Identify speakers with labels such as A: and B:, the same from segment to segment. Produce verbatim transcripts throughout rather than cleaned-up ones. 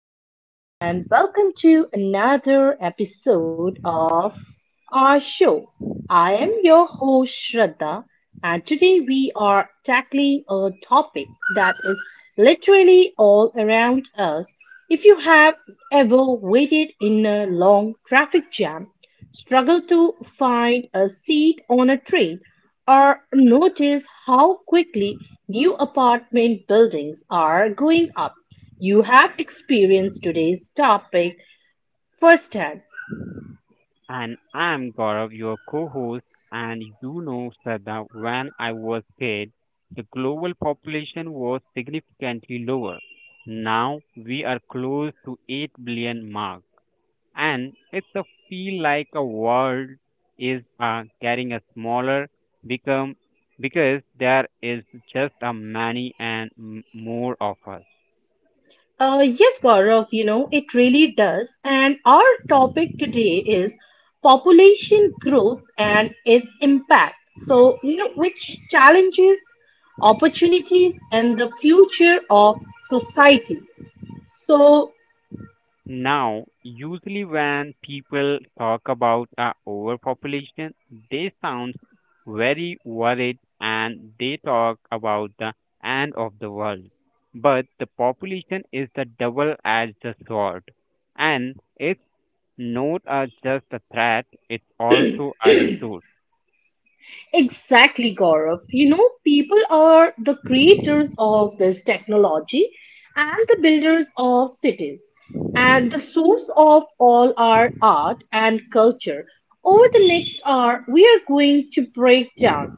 A: everyone, and welcome to another episode of our show. I am your host, Shraddha, and today we are tackling a topic that is literally all around us. If you have ever waited in a long traffic jam, struggled to find a seat on a train, or noticed how quickly new apartment buildings are going up, you have experienced today's topic firsthand.
B: And I'm Gaurav, your co host. And you know, Sada, when I was kid, the global population was significantly lower. Now we are close to eight billion mark. And it's a feel like a world is uh, getting a smaller become because there is just a many and m- more of us.
A: Uh, yes, Gaurav, you know, it really does. And our topic today is population growth and its impact. So, you know, which challenges, opportunities, and the future of society. So,
B: Now, usually when people talk about uh, overpopulation, they sound very worried and they talk about the end of the world. But the population is the double-edged sword, and it's not uh, just a threat; it's also a resource.
A: exactly, Gaurav. You know, people are the creators of this technology and the builders of cities and the source of all our art and culture. Over the next hour, we are going to break down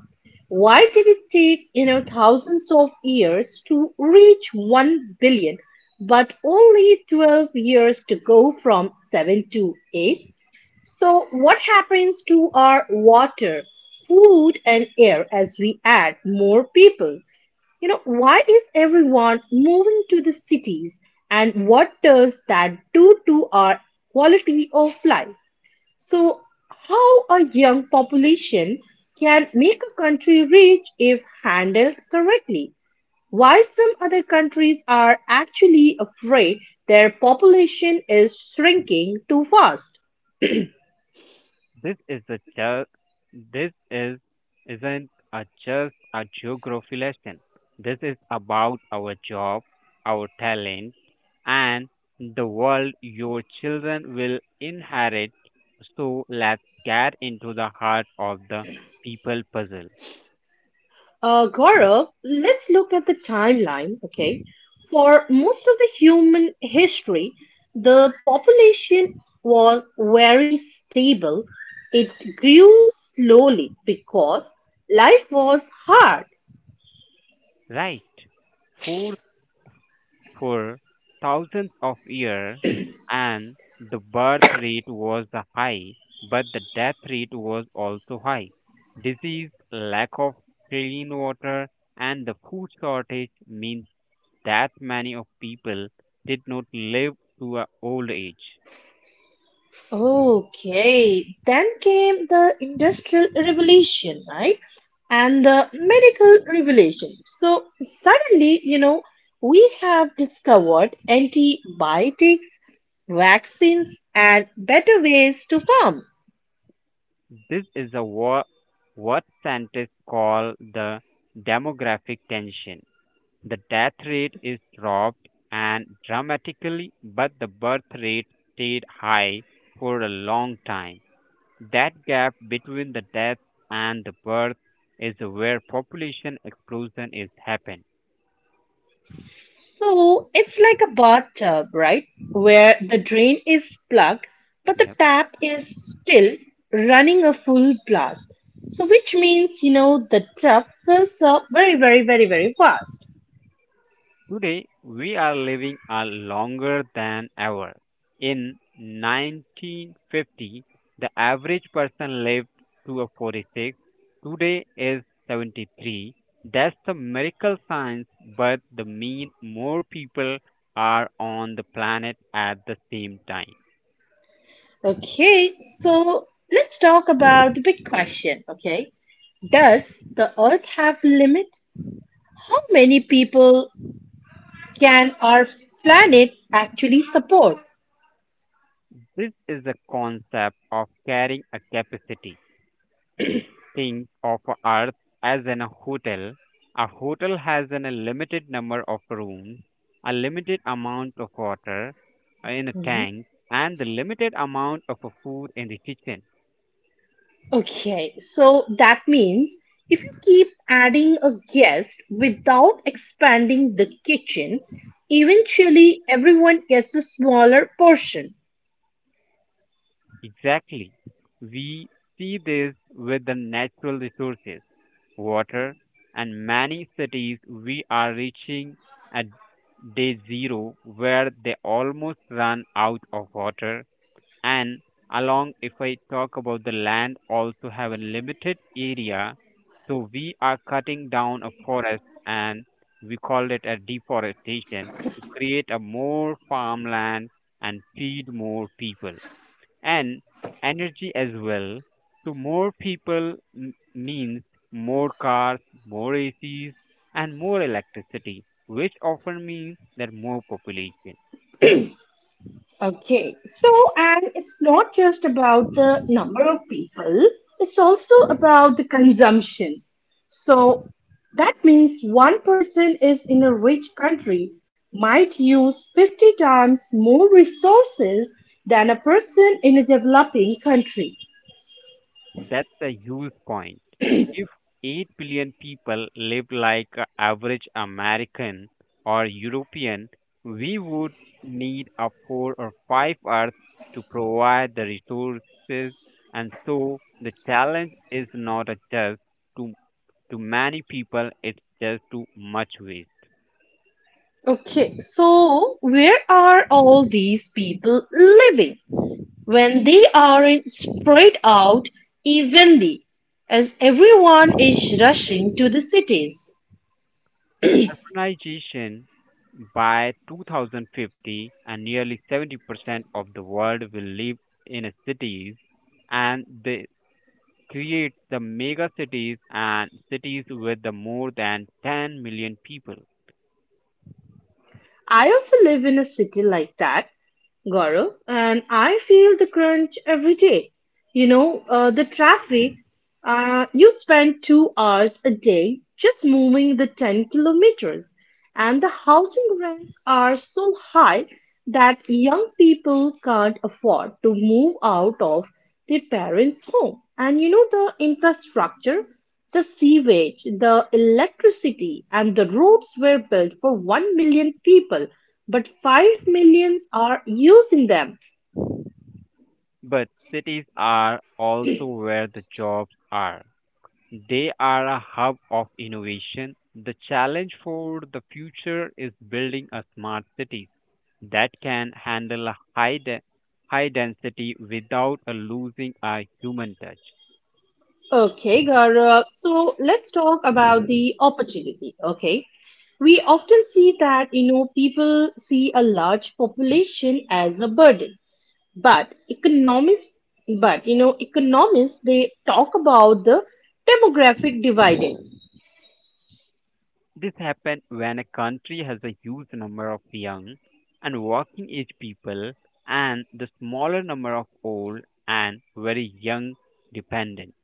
A: why did it take, you know, thousands of years to reach one billion, but only twelve years to go from seven to eight? So what happens to our water, food and air as we add more people? You know, why is everyone moving to the cities and what does that do to our quality of life? So, how a young population can make a country rich if handled correctly? Why some other countries are actually afraid their population is shrinking too fast?
B: This is a ju- this is isn't a just a geography lesson. This is about our job, our talent, and the world your children will inherit. So let's get into the heart of the people puzzle.
A: Uh, Gaurav, let's look at the timeline, okay? For most of the human history, the population was very stable. It grew slowly because life was hard.
B: Right. Four. For thousands of years, and the birth rate was the high but the death rate was also high, disease, lack of clean water, and the food shortage means that many of people did not live to a old age.
A: Okay, then came the industrial revolution, right? And the medical revolution. So suddenly, you know, we have discovered antibiotics, vaccines, and better ways to farm.
B: This is a wa- What scientists call the demographic tension. The death rate is dropped and dramatically, but the birth rate stayed high for a long time. That gap between the death and the birth is where population explosion is happen,
A: So it's like a bathtub, right? Where the drain is plugged, but the
B: yeah.
A: tap is still running a full blast. So which means, you know, the tub fills up very, very, very, very fast.
B: Today, we are living a longer than ever. In nineteen fifty, the average person lived to forty-six. Today is seventy-three. That's the miracle science, but the mean more people are on the planet at the same time.
A: Okay, so let's talk about the big question. Okay, does the Earth have limit? How many people can our planet actually support?
B: This is the concept of carrying a capacity. Think of Earth as an hotel. A hotel has an, a limited number of rooms, a limited amount of water in a
A: Hmm.
B: tank, and the limited amount of food in the kitchen.
A: Okay, so that means if you keep adding a guest without expanding the kitchen, eventually everyone gets a smaller portion.
B: Exactly. We see this with the natural resources, water, and many cities we are reaching at day zero where they almost run out of water. And along, if I talk about the land, also have a limited area, so we are cutting down a forest, and we call it a deforestation to create a more farmland and feed more people, and energy as well. So more people m- means more cars, more acs, and more electricity, which often means that more population.
A: Okay, so and it's not just about the number of people, it's also about the consumption. So that means one person is in a rich country might use fifty times more resources than a person in a developing country.
B: That's a huge point. If eight billion people live like an average American or European, we would need a four or five Earths to provide the resources. And so the challenge is not a just to, to many people, it's just too much waste.
A: Okay, so where are all these people living? When they are spread out evenly, as everyone is rushing to the cities.
B: Urbanization by twenty fifty, and nearly seventy percent of the world will live in cities, and the creates the mega cities and cities with the more than ten million people.
A: I also live in a city like that, Gaurav, and I feel the crunch every day. You know, uh, the traffic, uh, you spend two hours a day just moving the ten kilometers, and the housing rents are so high that young people can't afford to move out of their parents' home. And you know, the infrastructure, the sewage, the electricity, and the roads were built for one million people, but five millions are using them.
B: But cities are also where the jobs are. They are a hub of innovation. The challenge for the future is building a smart city that can handle a high, de- high density without uh, losing a human touch.
A: Okay, Gaurav. So let's talk about the opportunity. Okay. We often see that, you know, people see a large population as a burden. But economists, but, you know, economists, they talk about the demographic dividend.
B: This happens when a country has a huge number of young and working age people and the smaller number of old and very young dependent.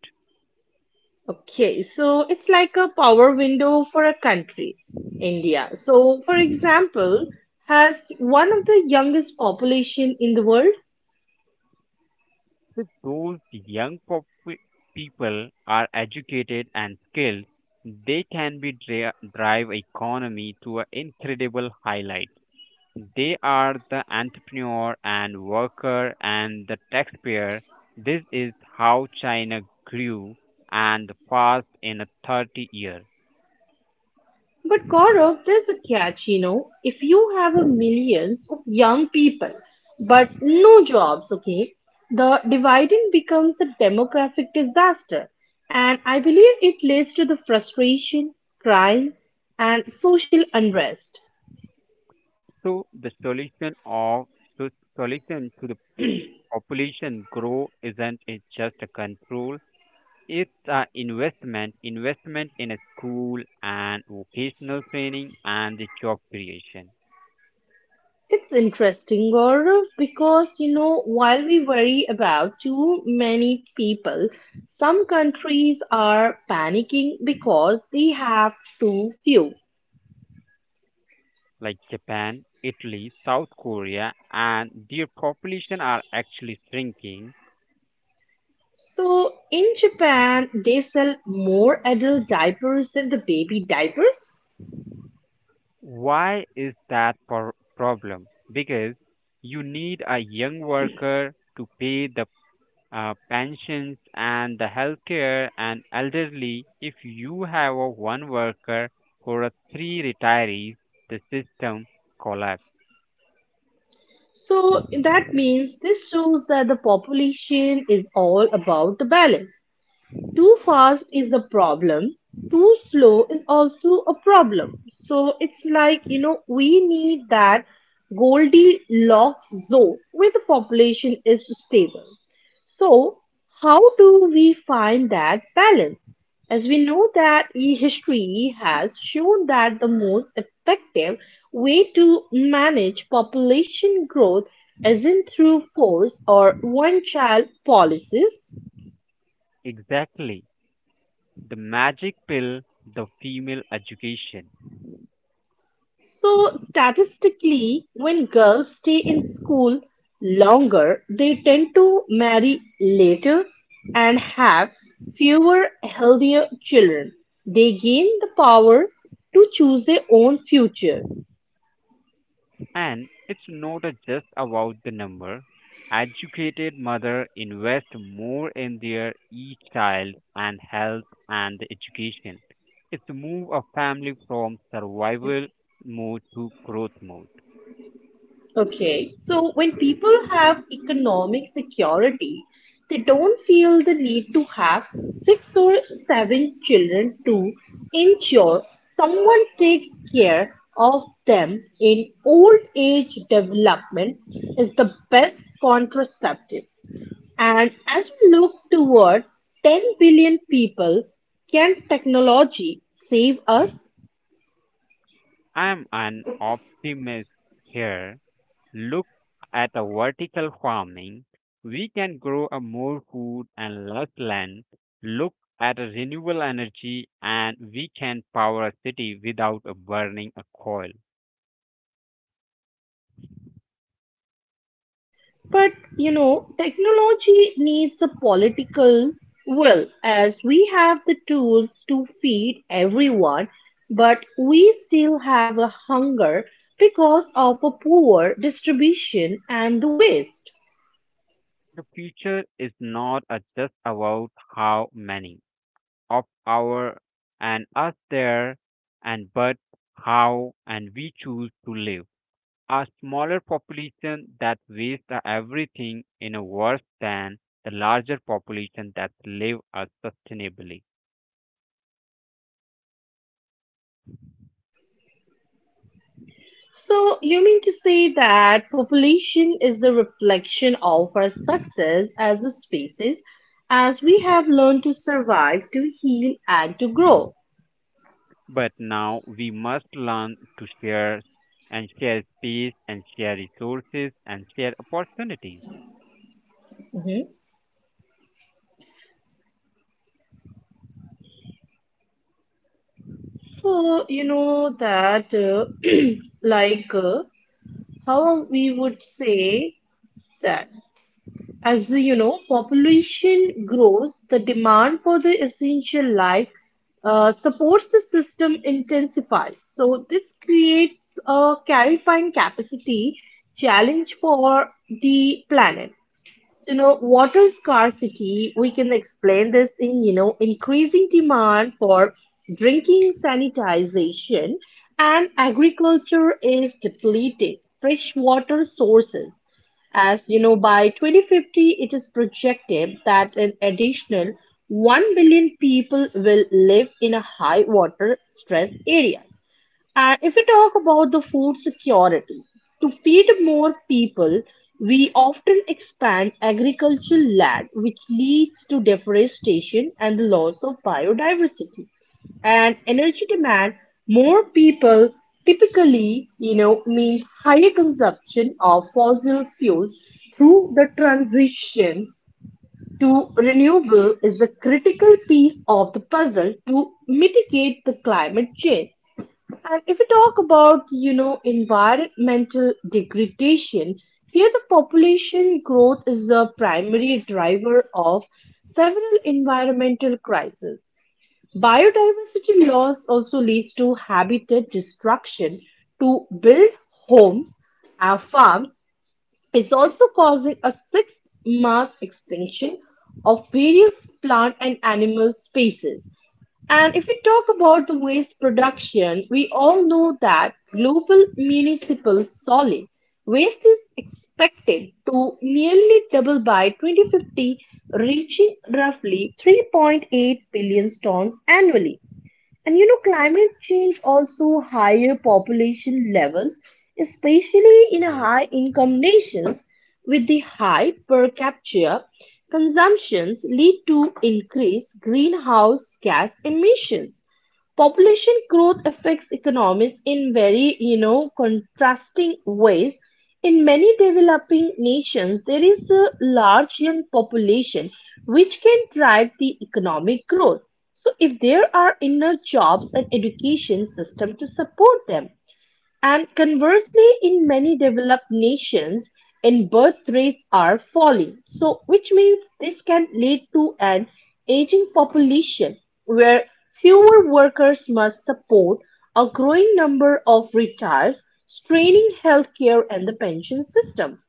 A: Okay. So it's like a power window for a country, India. So, for example, has one of the youngest population in the world.
B: If those young pop- people are educated and skilled, they can be dri- drive economy to an incredible highlight. They are the entrepreneur and worker and the taxpayer. This is how China grew and fast in a thirty years.
A: But Gaurav, there's a catch, you know. If you have a millions of young people but no jobs, okay, the dividing becomes a demographic disaster. And I believe it leads to the frustration, crime, and social unrest.
B: So the solution of so solution to the population grow isn't it just a control. It's an investment, investment in a school and vocational training and the job creation
A: It's interesting, Gaurav, because you know, while we worry about too many people, some countries are panicking because they have too few.
B: like Japan, Italy, South Korea, and their population are actually shrinking.
A: So in Japan, they sell more adult diapers than the baby diapers.
B: Why is that por- problem? Because you need a young worker to pay the uh, pensions and the healthcare and elderly. If you have a one worker for a three retirees, the system collapse.
A: So that means this shows that the population is all about the balance. Too fast is a problem. Too slow is also a problem. So it's like, you know, we need that Goldilocks zone where the population is stable. So, how do we find that balance? As we know that e- history has shown that the most effective way to manage population growth isn't through force or one child policies.
B: Exactly. The magic pill, the female education.
A: So, statistically, when girls stay in school longer, they tend to marry later and have fewer healthier children. They gain the power to choose their own future.
B: And it's not a just about the number. Educated mother invest more in their each child and health and education. It's move a family from survival mode to growth mode.
A: Okay, so when people have economic security, they don't feel the need to have six or seven children to ensure someone takes care of them in old age development is the best contraceptive. And as we look towards ten billion people, can technology save us?
B: I'm an optimist here. Look at a vertical farming. We can grow a more food and less land. Look at a renewable energy, and we can power a city without a burning a coal.
A: But you know, technology needs a political will as we have the tools to feed everyone, but we still have a hunger because of a poor distribution and the waste.
B: The future is not uh, just about how many of our and us there and but how and we choose to live. A smaller population that wastes everything in a worse than the larger population that live us sustainably.
A: So you mean to say that population is a reflection of our success as a species as we have learned to survive, to heal and to grow.
B: But now we must learn to share and share space and share resources and share opportunities.
A: So, you know that, uh, like, uh, how we would say that as the, you know, population grows, the demand for the essential life uh, supports the system intensifies. So, this creates a clarifying capacity challenge for the planet. So, you know, water scarcity, we can explain this in, you know, increasing demand for drinking sanitization and agriculture is depleting freshwater sources. As you know, by twenty fifty, it is projected that an additional one billion people will live in a high water stress area. And if we talk about the food security, to feed more people, we often expand agricultural land, which leads to deforestation and the loss of biodiversity. And energy demand, more people typically, you know, means higher consumption of fossil fuels through the transition to renewable is a critical piece of the puzzle to mitigate the climate change. And if we talk about, you know, environmental degradation, here the population growth is the primary driver of several environmental crises. Biodiversity loss also leads to habitat destruction. To build homes and farms is also causing a sixth mass extinction of various plant and animal species. And if we talk about the waste production, we all know that global municipal solid waste is expected to nearly double by twenty fifty, reaching roughly three point eight billion tons annually. And you know, climate change also higher population levels, especially in
B: Yes.
A: high income nations with the high per capita consumptions lead to increased greenhouse gas emissions. Population growth affects economies in very you know contrasting ways. In many developing nations, there is a large young population which can drive the economic growth, so if there are enough jobs and education system to support them. And conversely, in many developed nations, in birth rates are falling. So, which means this can lead to an aging population where fewer workers must support a growing number of retirees, straining healthcare and the pension systems.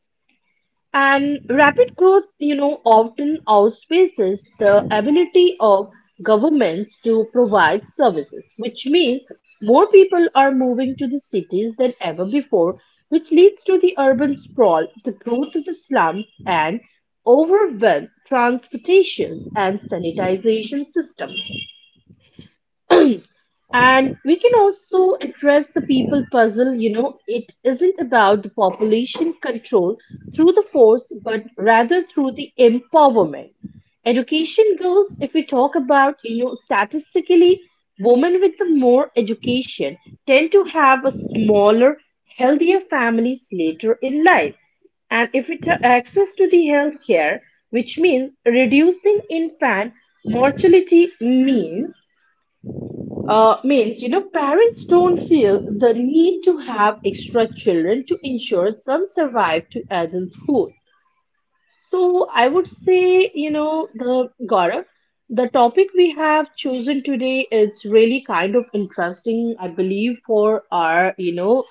A: And rapid growth, you know, often outpaces the ability of governments to provide services, which means more people are moving to the cities than ever before, which leads to the urban sprawl, the growth of the slums, and overwhelmed transportation and sanitization systems. And we can also address the people puzzle. You know, it isn't about the population control through the force, but rather through the empowerment. Education girls, if we talk about, you know, statistically, women with the more education tend to have a smaller, healthier families later in life and if it have access to the health care which means reducing infant mortality means uh, means you know parents don't feel the need to have extra children to ensure some survive to adulthood. So I would say, you know, the Gaurav, the topic we have chosen today is really kind of interesting, I believe, for our, you know,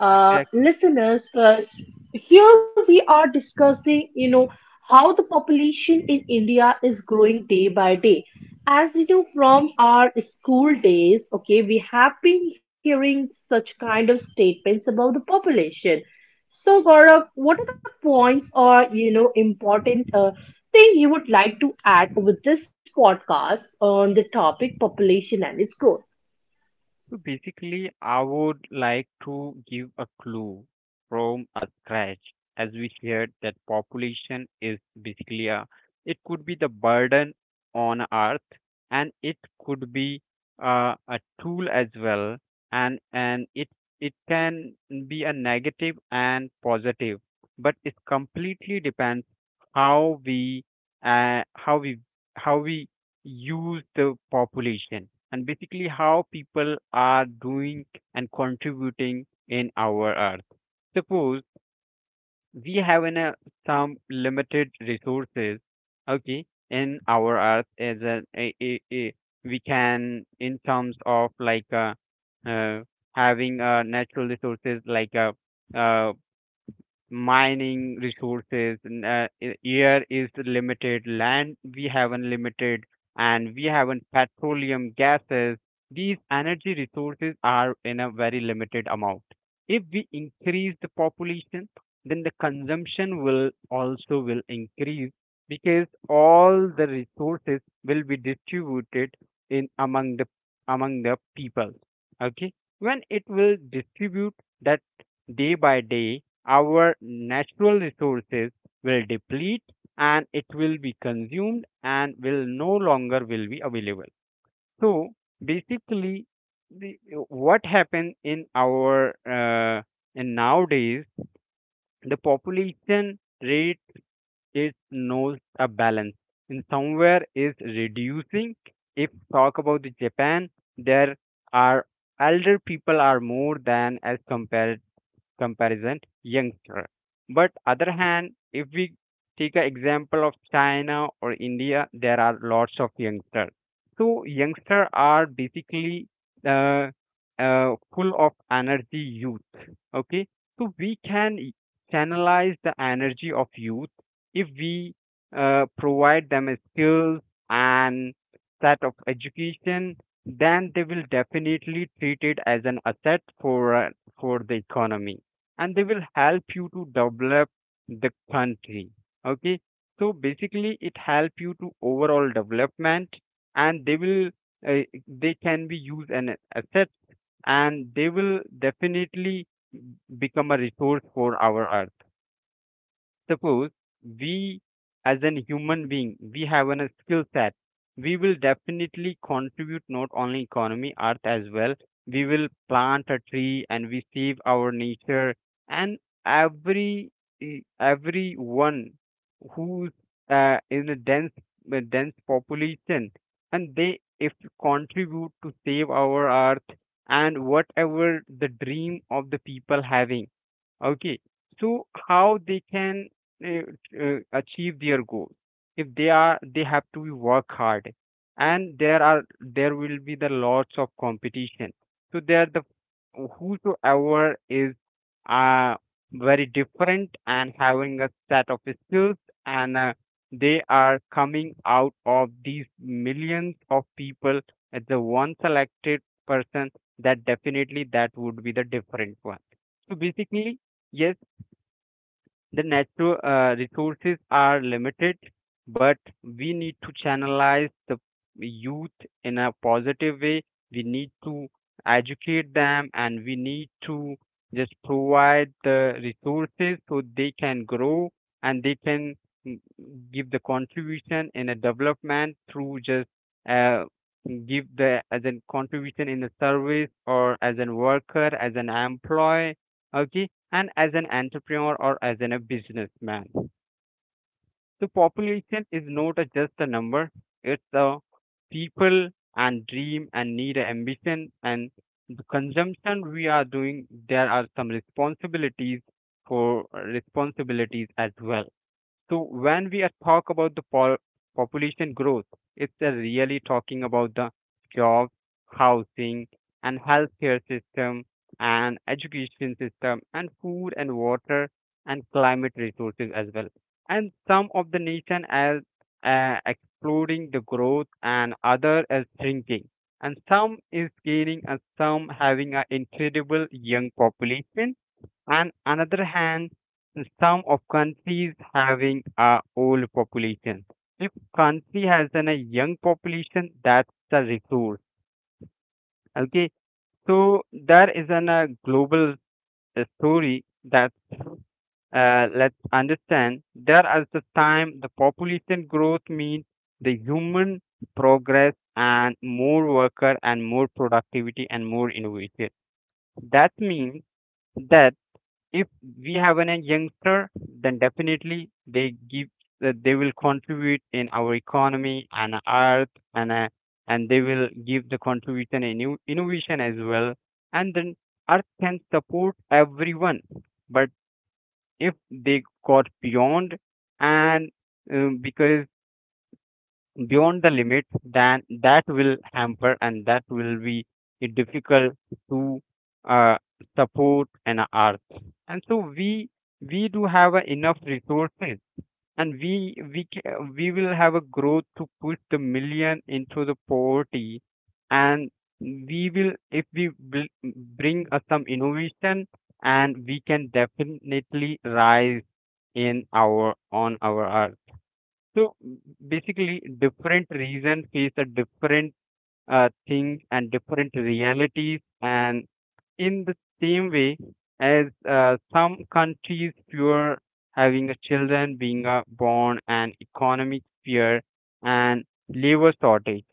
A: uh,
B: Exactly.
A: listeners. Because here we are discussing, you know, how the population in India is growing day by day. As you know, from our school days, okay, we have been hearing such kind of statements about the population. So, Gaurav, what are the points or you know important uh, thing you would like to add with this podcast on the topic population and its growth?
B: So basically, I would like to give a clue from a scratch, as we shared that population is basically a, it could be the burden on earth, and it could be uh, a tool as well, and and it it can be a negative and positive, but it completely depends how we uh, how we how we use the population and basically how people are doing and contributing in our earth. Suppose we have an, uh, some limited resources, okay, in our earth as a, a, a, a we can in terms of like uh, uh, having uh, natural resources like uh, uh, mining resources. N- Uh, i- air is limited, land we have unlimited, and we have un- petroleum gases. These energy resources are in a very limited amount. If we increase the population, then the consumption will also will increase because all the resources will be distributed in among the among the people. Okay, when it will distribute that day by day our natural resources will deplete, and it will be consumed and will no longer will be available. So basically, the, what happened in our uh, and nowadays the population rate is knows a balance in somewhere is reducing. If talk about the Japan, there are elder people are more than as compared comparison youngster. But other hand, if we take an example of China or India, there are lots of youngsters. So youngsters are basically uh, uh, full of energy youth. Okay, so we can y- channelize the energy of youth if we uh, provide them a skills and set of education, then they will definitely treat it as an asset for uh, for the economy, and they will help you to develop the country. Okay, so basically it help you to overall development, and they will uh, they can be used as an asset, and they will definitely become a resource for our earth. Suppose we as an human being we have a skill set, we will definitely contribute not only economy earth as well. We will plant a tree and we save our nature, and every e- everyone who's uh, in a dense a dense population, and they if contribute to save our earth and whatever the dream of the people having. Okay, so how they can uh, uh, achieve their goals? If they are, they have to work hard, and there are there will be the lots of competition. So there the whosoever is uh, very different and having a set of skills, and uh, they are coming out of these millions of people as the one selected person. That definitely that would be the different one. So basically, yes, the natural uh, resources are limited, but we need to channelize the youth in a positive way. We need to educate them, and we need to just provide the resources so they can grow and they can mm, give the contribution in a development through just uh, give the as a contribution in a service or as a worker, as an employee. Okay, and as an entrepreneur or as an, a businessman. So population is not a, just a number. It's a people and dream and need and ambition and the consumption we are doing. There are some responsibilities for responsibilities as well. So when we are talk about the pol- population growth, it's a really talking about the job, housing, and healthcare system, and education system, and food and water, and climate resources as well. And some of the nation as uh, exploding the growth, and other as shrinking. And some is gaining, and some having an incredible young population, and another hand some of countries having a old population. If country has an, a young population, that's a resource. Okay, so there is an, a global uh, story that uh, let's understand. There at the time, the population growth means the human progress and more worker and more productivity and more innovation. That means that if we have an a youngster, then definitely they give uh, they will contribute in our economy and earth and uh, and they will give the contribution in new innovation as well. And then earth can support everyone. But if they got beyond and um, because beyond the limit, then that will hamper and that will be difficult to uh, support an art. And so we we do have uh, enough resources, and we we ca- we will have a growth to push the million into the poverty, and we will if we bl- bring us some innovation, and we can definitely rise in our on our. So basically, different regions face a different uh, things and different realities, and in the same way as uh, some countries fear having a children being uh, born and economic fear and labor shortage.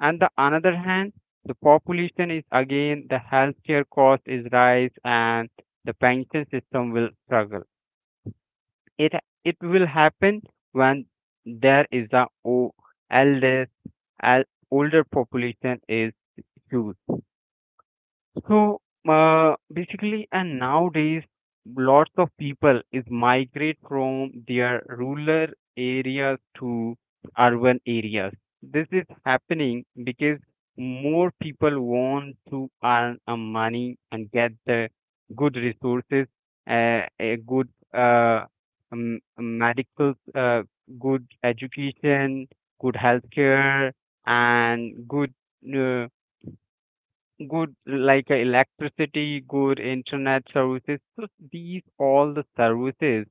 B: And the another hand, the population is again the healthcare cost is rise and the pension system will struggle. It it will happen when there is a o eldest al- older population is huge. So uh, basically, and nowadays, lots of people is migrate from their rural areas to urban areas. This is happening because more people want to earn a money and get the good resources, uh, a good uh, um, medical, uh, good education, good healthcare, and good uh, good like uh, electricity, good internet services. So these all the services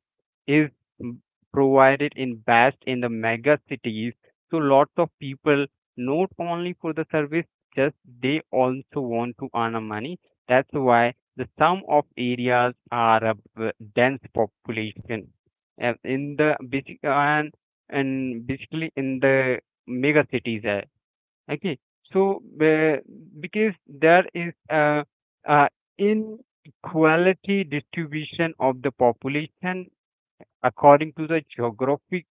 B: is m- provided in best in the mega cities. So lots of people not only for the service, just they also want to earn a money. That's why the some of areas are a b- dense population. Uh, in the basic and and basically in the mega cities uh, okay. So, uh, because there is a, a inequality distribution of the population according to the geographic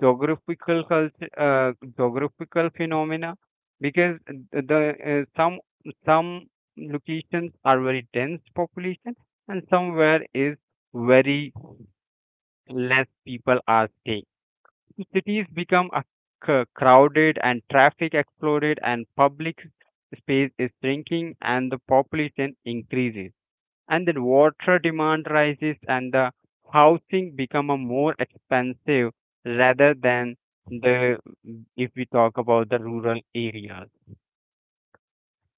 B: geographical culture, uh, geographical phenomena, because the uh, some some locations are very dense population and somewhere is very less people are staying. Cities become a c- crowded and traffic exploded and public space is shrinking and the population increases and then water demand rises and the housing become a more expensive rather than the if we talk about the rural areas.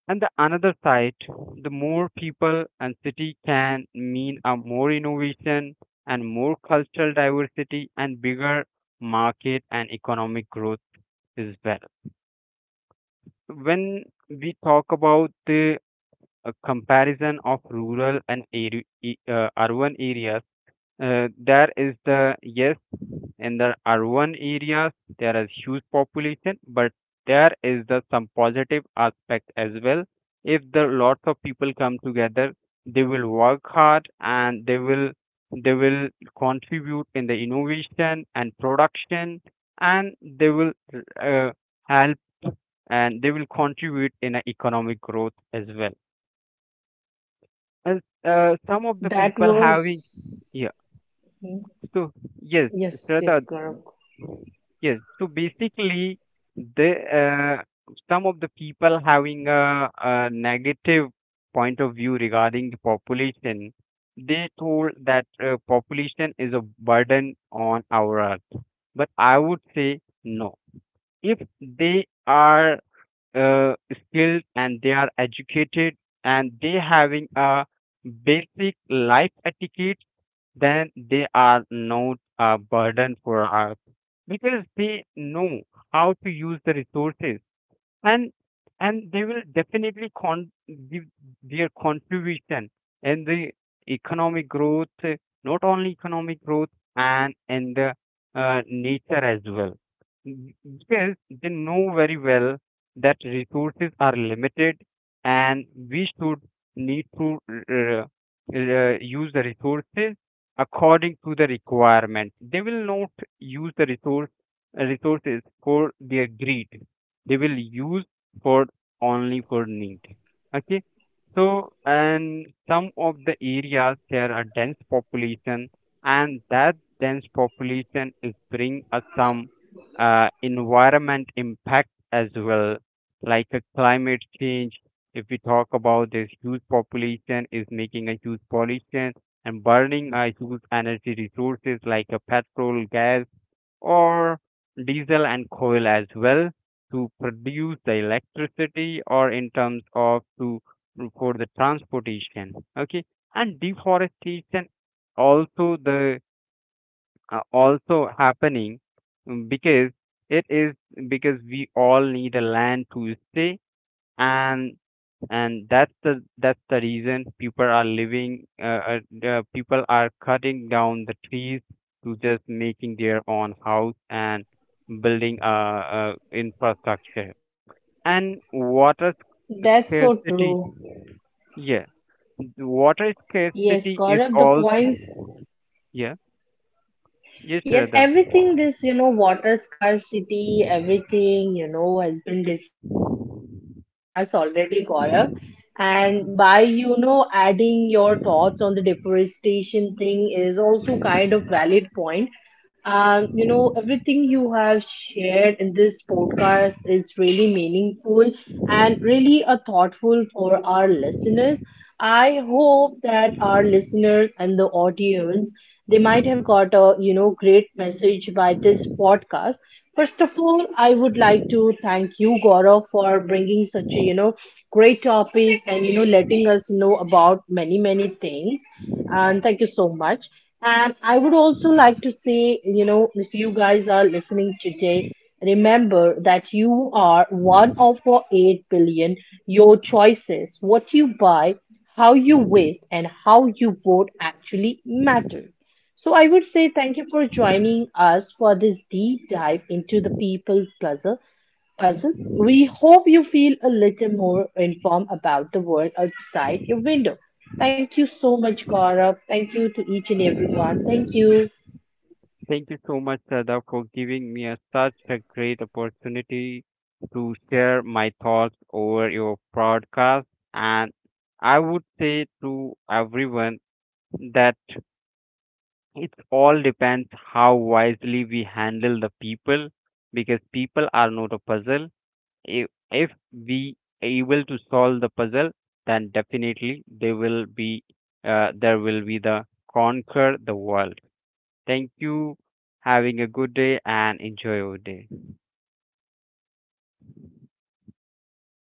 B: And the another side, the more people and city can mean a more innovation and more cultural diversity and bigger market and economic growth as well. When we talk about the uh, comparison of rural and area, e, uh, urban areas, uh, there is the yes, in the urban areas there is huge population but there is the some positive aspect as well. If the lots of people come together they will work hard and they will they will contribute in the innovation and production and they will uh, help and they will contribute in a economic growth as well as uh, some of the people
A: That
B: having
A: was.
B: yeah
A: Hmm.
B: so yes
A: Yes, yes,
B: Shraddha,
A: Gaurav.
B: yes. So basically, the uh, some of the people having a, a negative point of view regarding the population, they told that uh, population is a burden on our earth. But I would say no. If they are uh, skilled and they are educated and they having a basic life etiquette, then they are not a burden for us because they know how to use the resources and and they will definitely con- give their contribution in the economic growth uh, not only economic growth and in the uh, nature as well. Mm, because they know very well that resources are limited and we should need to uh, uh, use the resources according to the requirement. They will not use the resource resources for their greed. They will use for only for need, okay. So and some of the areas there are dense population and that dense population is bring us some uh, environment impact as well like a climate change. If we talk about this huge population is making a huge pollution and burning a huge energy resources like a petrol gas or diesel and coal as well to produce the electricity or in terms of to for the transportation, okay. And deforestation also the uh, also happening, mm, because it is because we all need a land to stay and and that's the that's the reason people are living uh, uh, the people are cutting down the trees to just making their own house and building a, uh uh, infrastructure and water
A: That's so
B: scarcity,
A: true.
B: yeah, water
A: Yes,
B: scarcity is
A: Gaurav, the
B: also
A: points.
B: yeah yes
A: Yes,
B: Radha.
A: everything this, you know, water scarcity, everything, you know, has been discussed in this podcast already, Gaurav. And by, you know, adding your thoughts on the deforestation thing is also kind of valid point. And you know, everything you have shared in this podcast is really meaningful and really a thoughtful for our listeners. I hope that our listeners and the audience they might have got a you know great message by this podcast. First of all, I would like to thank you, Gaurav, for bringing such a you know great topic and you know letting us know about many many things. And thank you so much. And I would also like to say, you know, if you guys are listening today, remember that you are one of our eight billion. Your choices, what you buy, how you waste, and how you vote actually matter. So I would say thank you for joining us for this deep dive into the people puzzle. Puzzle. We hope you feel a little more informed about the world outside your window. Thank you so much, Gaurav. Thank you to each and everyone. Thank you.
B: Thank you so much, Sada, for giving me a, such a great opportunity to share my thoughts over your podcast. And I would say to everyone that it all depends how wisely we handle the people, because people are not a puzzle. If, if we able to solve the puzzle, then definitely they will be uh, there will be the conquer the world. Thank you. Having a good day and enjoy your day.